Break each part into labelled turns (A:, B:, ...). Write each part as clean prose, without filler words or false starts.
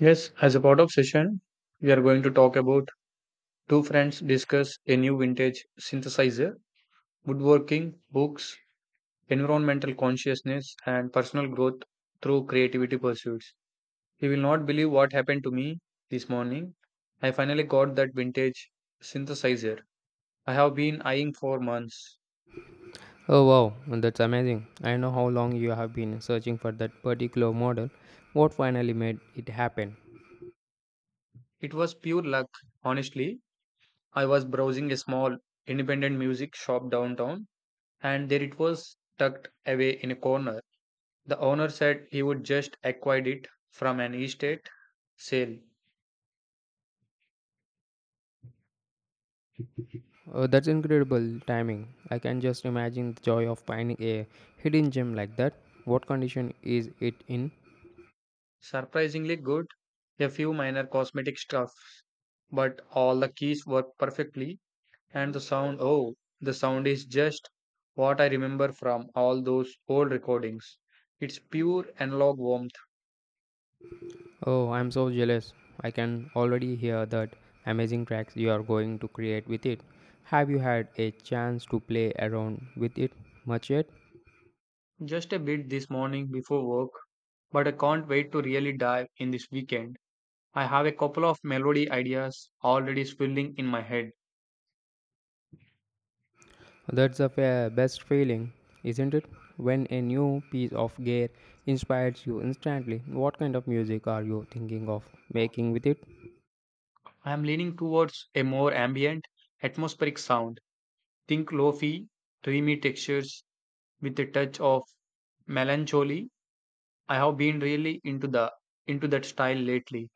A: Yes, as a part of session, we are going to talk about two friends discuss a new vintage synthesizer, woodworking, books, environmental consciousness, and personal growth through creativity pursuits. You will not believe what happened to me this morning. I finally got that vintage synthesizer I have been eyeing for months.
B: Oh wow, well, that's amazing. I know how long you have been searching for that particular model. What finally made it happen?
A: It was pure luck, honestly. I was browsing a small independent music shop downtown, and there it was tucked away in a corner. The owner said he would just acquired it from an estate sale.
B: Oh, that's incredible timing. I can just imagine the joy of finding a hidden gem like that. What condition is it in?
A: Surprisingly good, a few minor cosmetic stuffs, but all the keys work perfectly and the sound oh, the sound is just what I remember from all those old recordings. It's pure analog warmth.
B: Oh, I'm so jealous. I can already hear that amazing tracks you are going to create with it. Have you had a chance to play around with it much yet?
A: Just a bit this morning before work, but I can't wait to really dive in this weekend. I have a couple of melody ideas already swirling in my head.
B: That's the best feeling, isn't it? When a new piece of gear inspires you instantly, what kind of music are you thinking of making with it?
A: I am leaning towards a more ambient, atmospheric sound. Think lo-fi, dreamy textures with a touch of melancholy. I have been really into that style lately.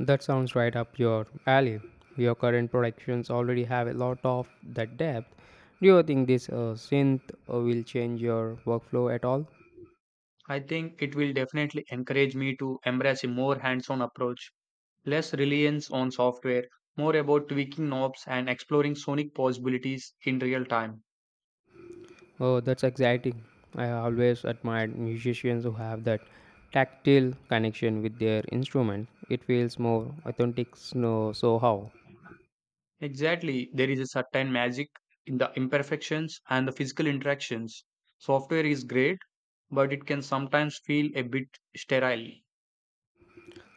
B: That sounds right up your alley. Your current productions already have a lot of that depth. Do you think this synth will change your workflow at all?
A: I think it will definitely encourage me to embrace a more hands-on approach, less reliance on software, more about tweaking knobs and exploring sonic possibilities in real time.
B: Oh, that's exciting. I always admired musicians who have that tactile connection with their instrument. It feels more authentic. No, so how?
A: Exactly, there is a certain magic in the imperfections and the physical interactions. Software is great but it can sometimes feel a bit sterile.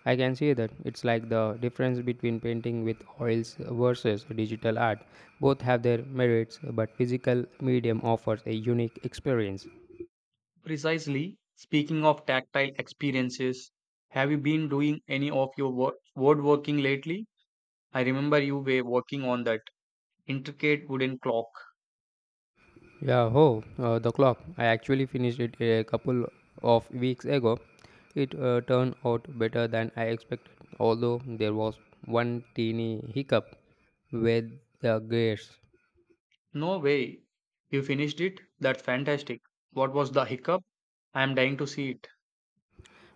B: I can see that it's like the difference between painting with oils versus digital art. Both have their merits, but physical medium offers a unique experience.
A: Precisely, speaking of tactile experiences, have you been doing any of your word lately? I remember you were working on that intricate wooden clock.
B: Yeah, oh, the clock. I actually finished it a couple of weeks ago. It turned out better than I expected, although there was one teeny hiccup with the gears.
A: No way. You finished it? That's fantastic. What was the hiccup? I am dying to see it.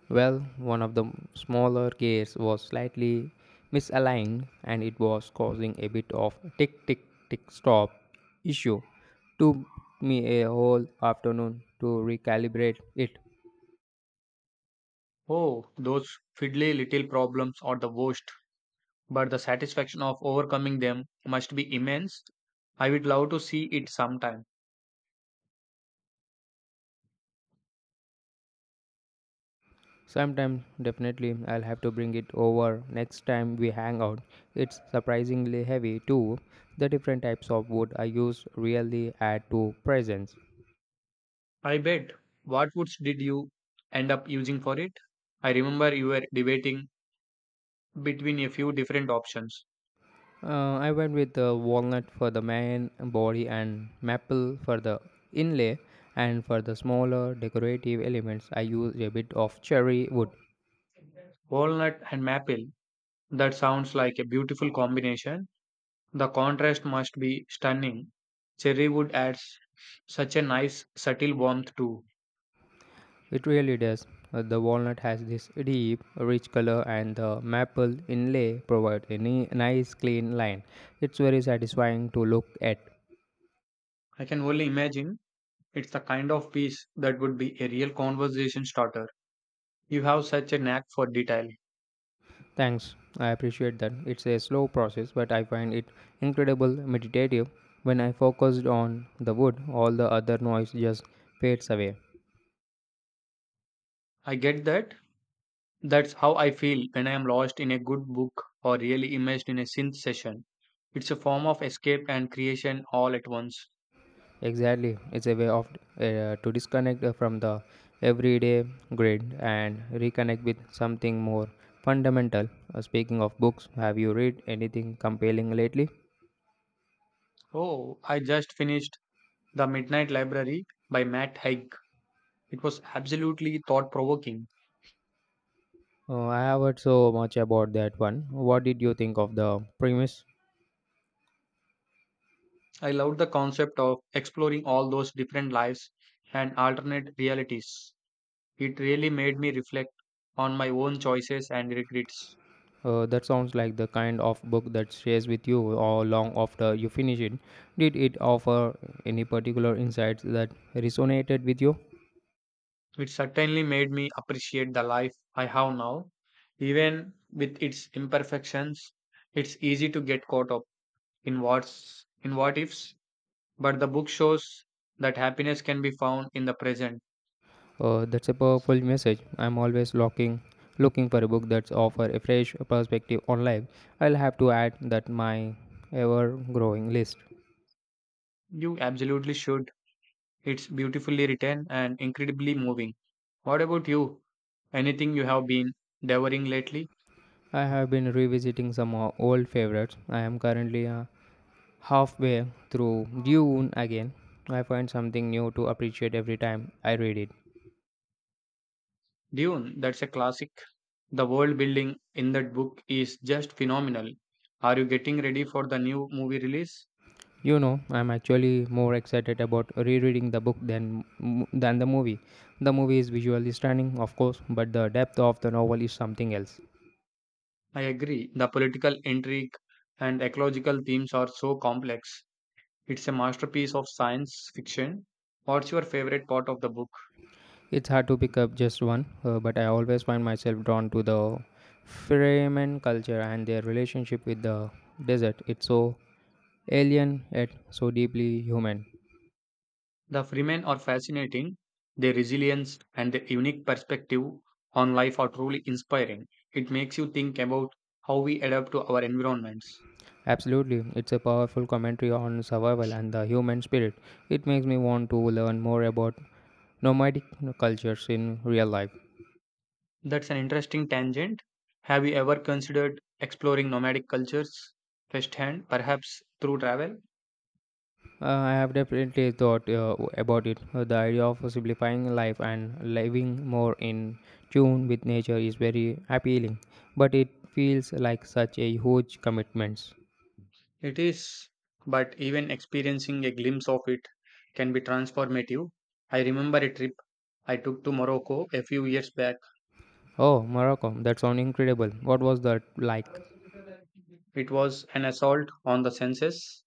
B: Well, one of the smaller gears was slightly misaligned and it was causing a bit of tick tick tick stop issue. Took me a whole afternoon to recalibrate it.
A: Oh, those fiddly little problems are the worst, but the satisfaction of overcoming them must be immense. I would love to see it sometime.
B: Sometime definitely I'll have to bring it over next time we hang out. It's surprisingly heavy too. The different types of wood I use really add to presence.
A: I bet. What woods did you end up using for it? I remember you were debating between a few different options.
B: I went with the walnut for the main body and maple for the inlay, and for the smaller decorative elements, I used a bit of cherry wood.
A: Walnut and maple. That sounds like a beautiful combination. The contrast must be stunning. Cherry wood adds such a nice, subtle warmth too.
B: It really does. The walnut has this deep, rich color, and the maple inlay provides a nice, clean line. It's very satisfying to look at.
A: I can only imagine. It's the kind of piece that would be a real conversation starter. You have such a knack for detail.
B: Thanks, I appreciate that. It's a slow process, but I find it incredible meditative. When I focused on the wood, all the other noise just fades away.
A: I get that. That's how I feel when I am lost in a good book or really immersed in a synth session. It's a form of escape and creation all at once.
B: Exactly, it's a way of to disconnect from the everyday grid and reconnect with something more fundamental. Speaking of books, have you read anything compelling lately?
A: Oh, I just finished The Midnight Library by Matt Haig. It was absolutely thought provoking.
B: I have heard so much about that one. What did you think of the premise?
A: I loved the concept of exploring all those different lives and alternate realities. It really made me reflect on my own choices and regrets.
B: That sounds like the kind of book that stays with you all long after you finish it. Did it offer any particular insights that resonated with you?
A: It certainly made me appreciate the life I have now, even with its imperfections. It's easy to get caught up in what ifs, but the book shows that happiness can be found in the present.
B: Oh, that's a powerful message. I'm always looking for a book that's offer a fresh perspective on life. I'll have to add that my ever-growing list.
A: You absolutely should. It's beautifully written and incredibly moving. What about you? Anything you have been devouring lately?
B: I have been revisiting some old favorites. I am currently halfway through Dune again. I find something new to appreciate every time I read it.
A: Dune, that's a classic. The world building in that book is just phenomenal. Are you getting ready for the new movie release?
B: You know, I'm actually more excited about rereading the book than the movie. The movie is visually stunning, of course, but the depth of the novel is something else.
A: I agree. The political intrigue and ecological themes are so complex. It's a masterpiece of science fiction. What's your favorite part of the book?
B: It's hard to pick up just one, but I always find myself drawn to the Fremen culture and their relationship with the desert. It's so alien yet so deeply human.
A: The Freemen are fascinating. Their resilience and their unique perspective on life are truly inspiring. It makes you think about how we adapt to our environments.
B: Absolutely, it's a powerful commentary on survival and the human spirit. It makes me want to learn more about nomadic cultures in real life.
A: That's an interesting tangent. Have you ever considered exploring nomadic cultures firsthand, perhaps through travel?
B: I have definitely thought about it. The idea of simplifying life and living more in tune with nature is very appealing, but it feels like such a huge commitment.
A: It is, but even experiencing a glimpse of it can be transformative. I remember a trip I took to Morocco a few years back.
B: Oh, Morocco, that sounds incredible. What was that like?
A: It was an assault on the senses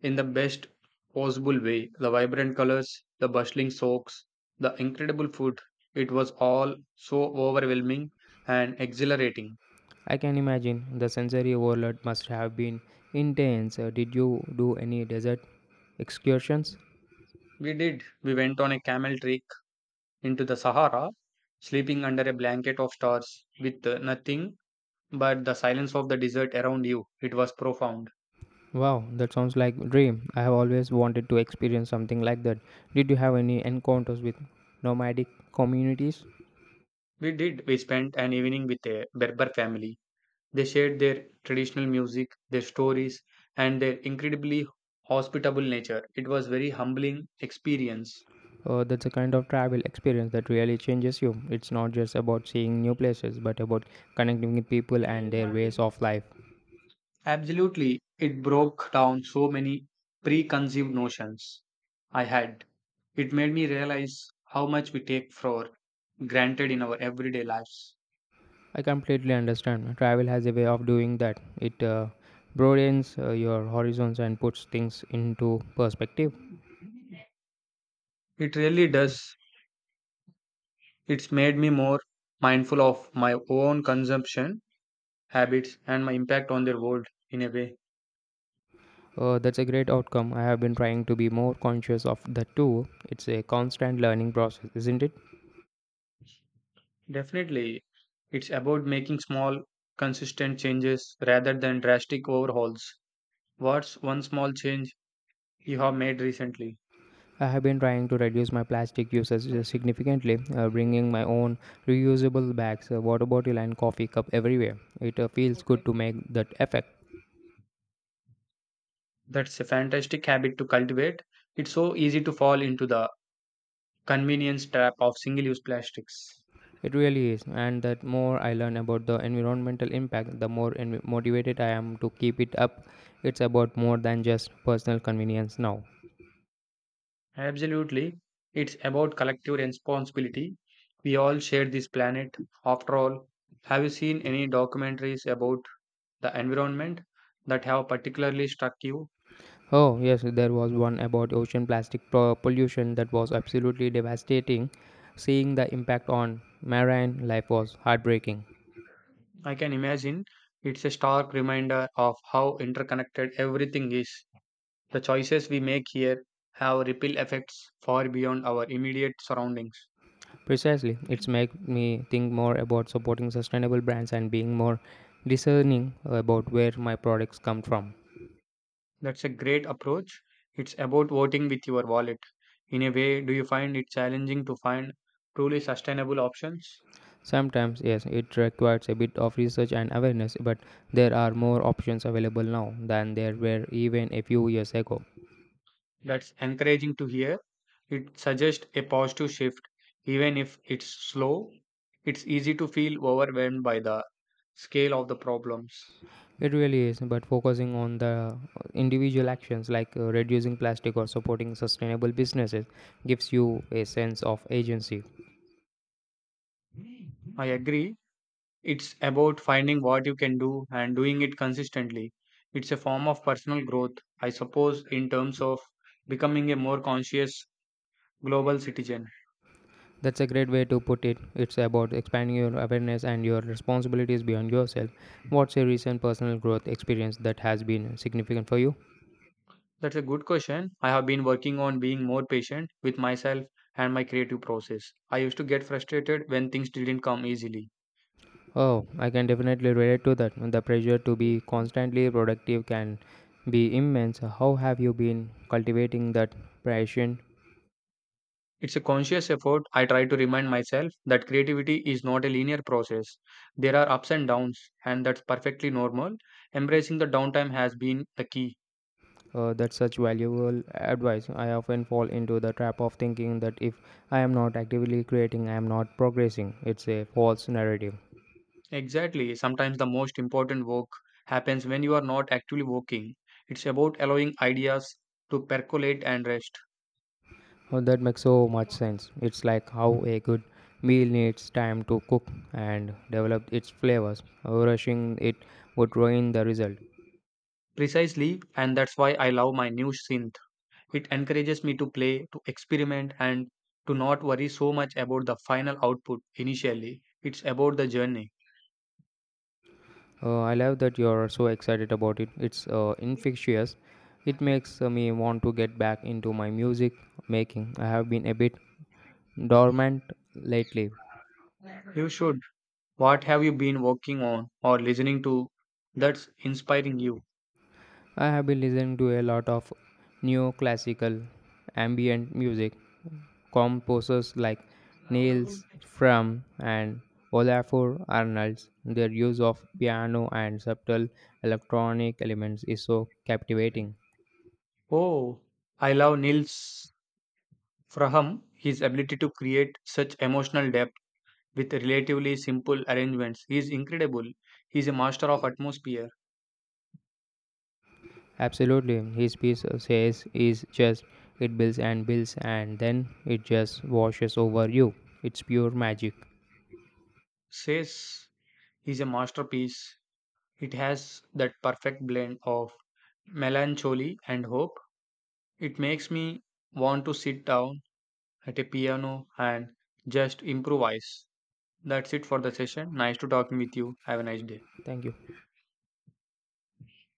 A: in the best possible way. The vibrant colors, the bustling soaks, the incredible food. It was all so overwhelming and exhilarating.
B: I can imagine the sensory overload must have been intense. Did you do any desert excursions?
A: We did. We went on a camel trek into the Sahara, sleeping under a blanket of stars with nothing but the silence of the desert around you. It was profound.
B: Wow, that sounds like a dream. I have always wanted to experience something like that. Did you have any encounters with nomadic communities?
A: We did. We spent an evening with a Berber family. They shared their traditional music, their stories, and their incredibly hospitable nature. It was very humbling experience.
B: That's a kind of travel experience that really changes you. It's not just about seeing new places, but about connecting with people and their ways of life.
A: Absolutely, it broke down so many preconceived notions I had. It made me realize how much we take for granted in our everyday lives.
B: I completely understand. Travel has a way of doing that. It broadens your horizons and puts things into perspective.
A: It really does. It's made me more mindful of my own consumption habits and my impact on the world in a way.
B: That's a great outcome. I have been trying to be more conscious of that too. It's a constant learning process, isn't it?
A: Definitely, it's about making small, consistent changes rather than drastic overhauls. What's one small change you have made recently?
B: I have been trying to reduce my plastic usage significantly, bringing my own reusable bags, water bottle, and coffee cup everywhere. It feels good to make that effect.
A: That's a fantastic habit to cultivate. It's so easy to fall into the convenience trap of single use plastics.
B: It really is, and the more I learn about the environmental impact, the more motivated I am to keep it up. It's about more than just personal convenience now.
A: Absolutely. It's about collective responsibility. We all share this planet. After all, have you seen any documentaries about the environment that have particularly struck you?
B: Oh, yes, there was one about ocean plastic pollution that was absolutely devastating. Seeing the impact on marine life was heartbreaking.
A: I can imagine it's a stark reminder of how interconnected everything is. The choices we make here have ripple effects far beyond our immediate surroundings.
B: Precisely, it's make me think more about supporting sustainable brands and being more discerning about where my products come from.
A: That's a great approach. It's about voting with your wallet. In a way, do you find it challenging to find truly sustainable options?
B: Sometimes, yes, it requires a bit of research and awareness, but there are more options available now than there were even a few years ago.
A: That's encouraging to hear. It suggests a positive shift, even if it's slow. It's easy to feel overwhelmed by the scale of the problems.
B: It really is, but focusing on the individual actions like reducing plastic or supporting sustainable businesses gives you a sense of agency.
A: I agree. It's about finding what you can do and doing it consistently. It's a form of personal growth, I suppose, in terms of becoming a more conscious global citizen.
B: That's a great way to put it. It's about expanding your awareness and your responsibilities beyond yourself. What's a recent personal growth experience that has been significant for you?
A: That's a good question. I have been working on being more patient with myself and my creative process. I used to get frustrated when things didn't come easily.
B: Oh, I can definitely relate to that. The pressure to be constantly productive can be immense. How have you been cultivating that passion?
A: It's a conscious effort. I try to remind myself that creativity is not a linear process. There are ups and downs, and that's perfectly normal. Embracing the downtime has been the key.
B: That's such valuable advice. I often fall into the trap of thinking that if I am not actively creating, I am not progressing. It's a false narrative.
A: Exactly. Sometimes the most important work happens when you are not actually working. It's about allowing ideas to percolate and rest.
B: Oh, that makes so much sense. It's like how a good meal needs time to cook and develop its flavors. Rushing it would ruin the result.
A: Precisely, and that's why I love my new synth. It encourages me to play, to experiment, and to not worry so much about the final output initially. It's about the journey.
B: I love that you're so excited about it. It's infectious. It makes me want to get back into my music making. I have been a bit dormant lately.
A: You should. What have you been working on or listening to that's inspiring you?
B: I have been listening to a lot of neoclassical ambient music. Composers like Niels Fram and Olafur Arnalds, their use of piano and subtle electronic elements is so captivating.
A: Oh, I love Nils Fraham. His ability to create such emotional depth with relatively simple arrangements is incredible. He's a master of atmosphere.
B: Absolutely, his piece says is just it builds and builds and then it just washes over you. It's pure magic.
A: Says he's a masterpiece. It has that perfect blend of melancholy and hope. It makes me want to sit down at a piano and just improvise. That's it for the session. Nice to talking with you. Have a nice day.
B: Thank you.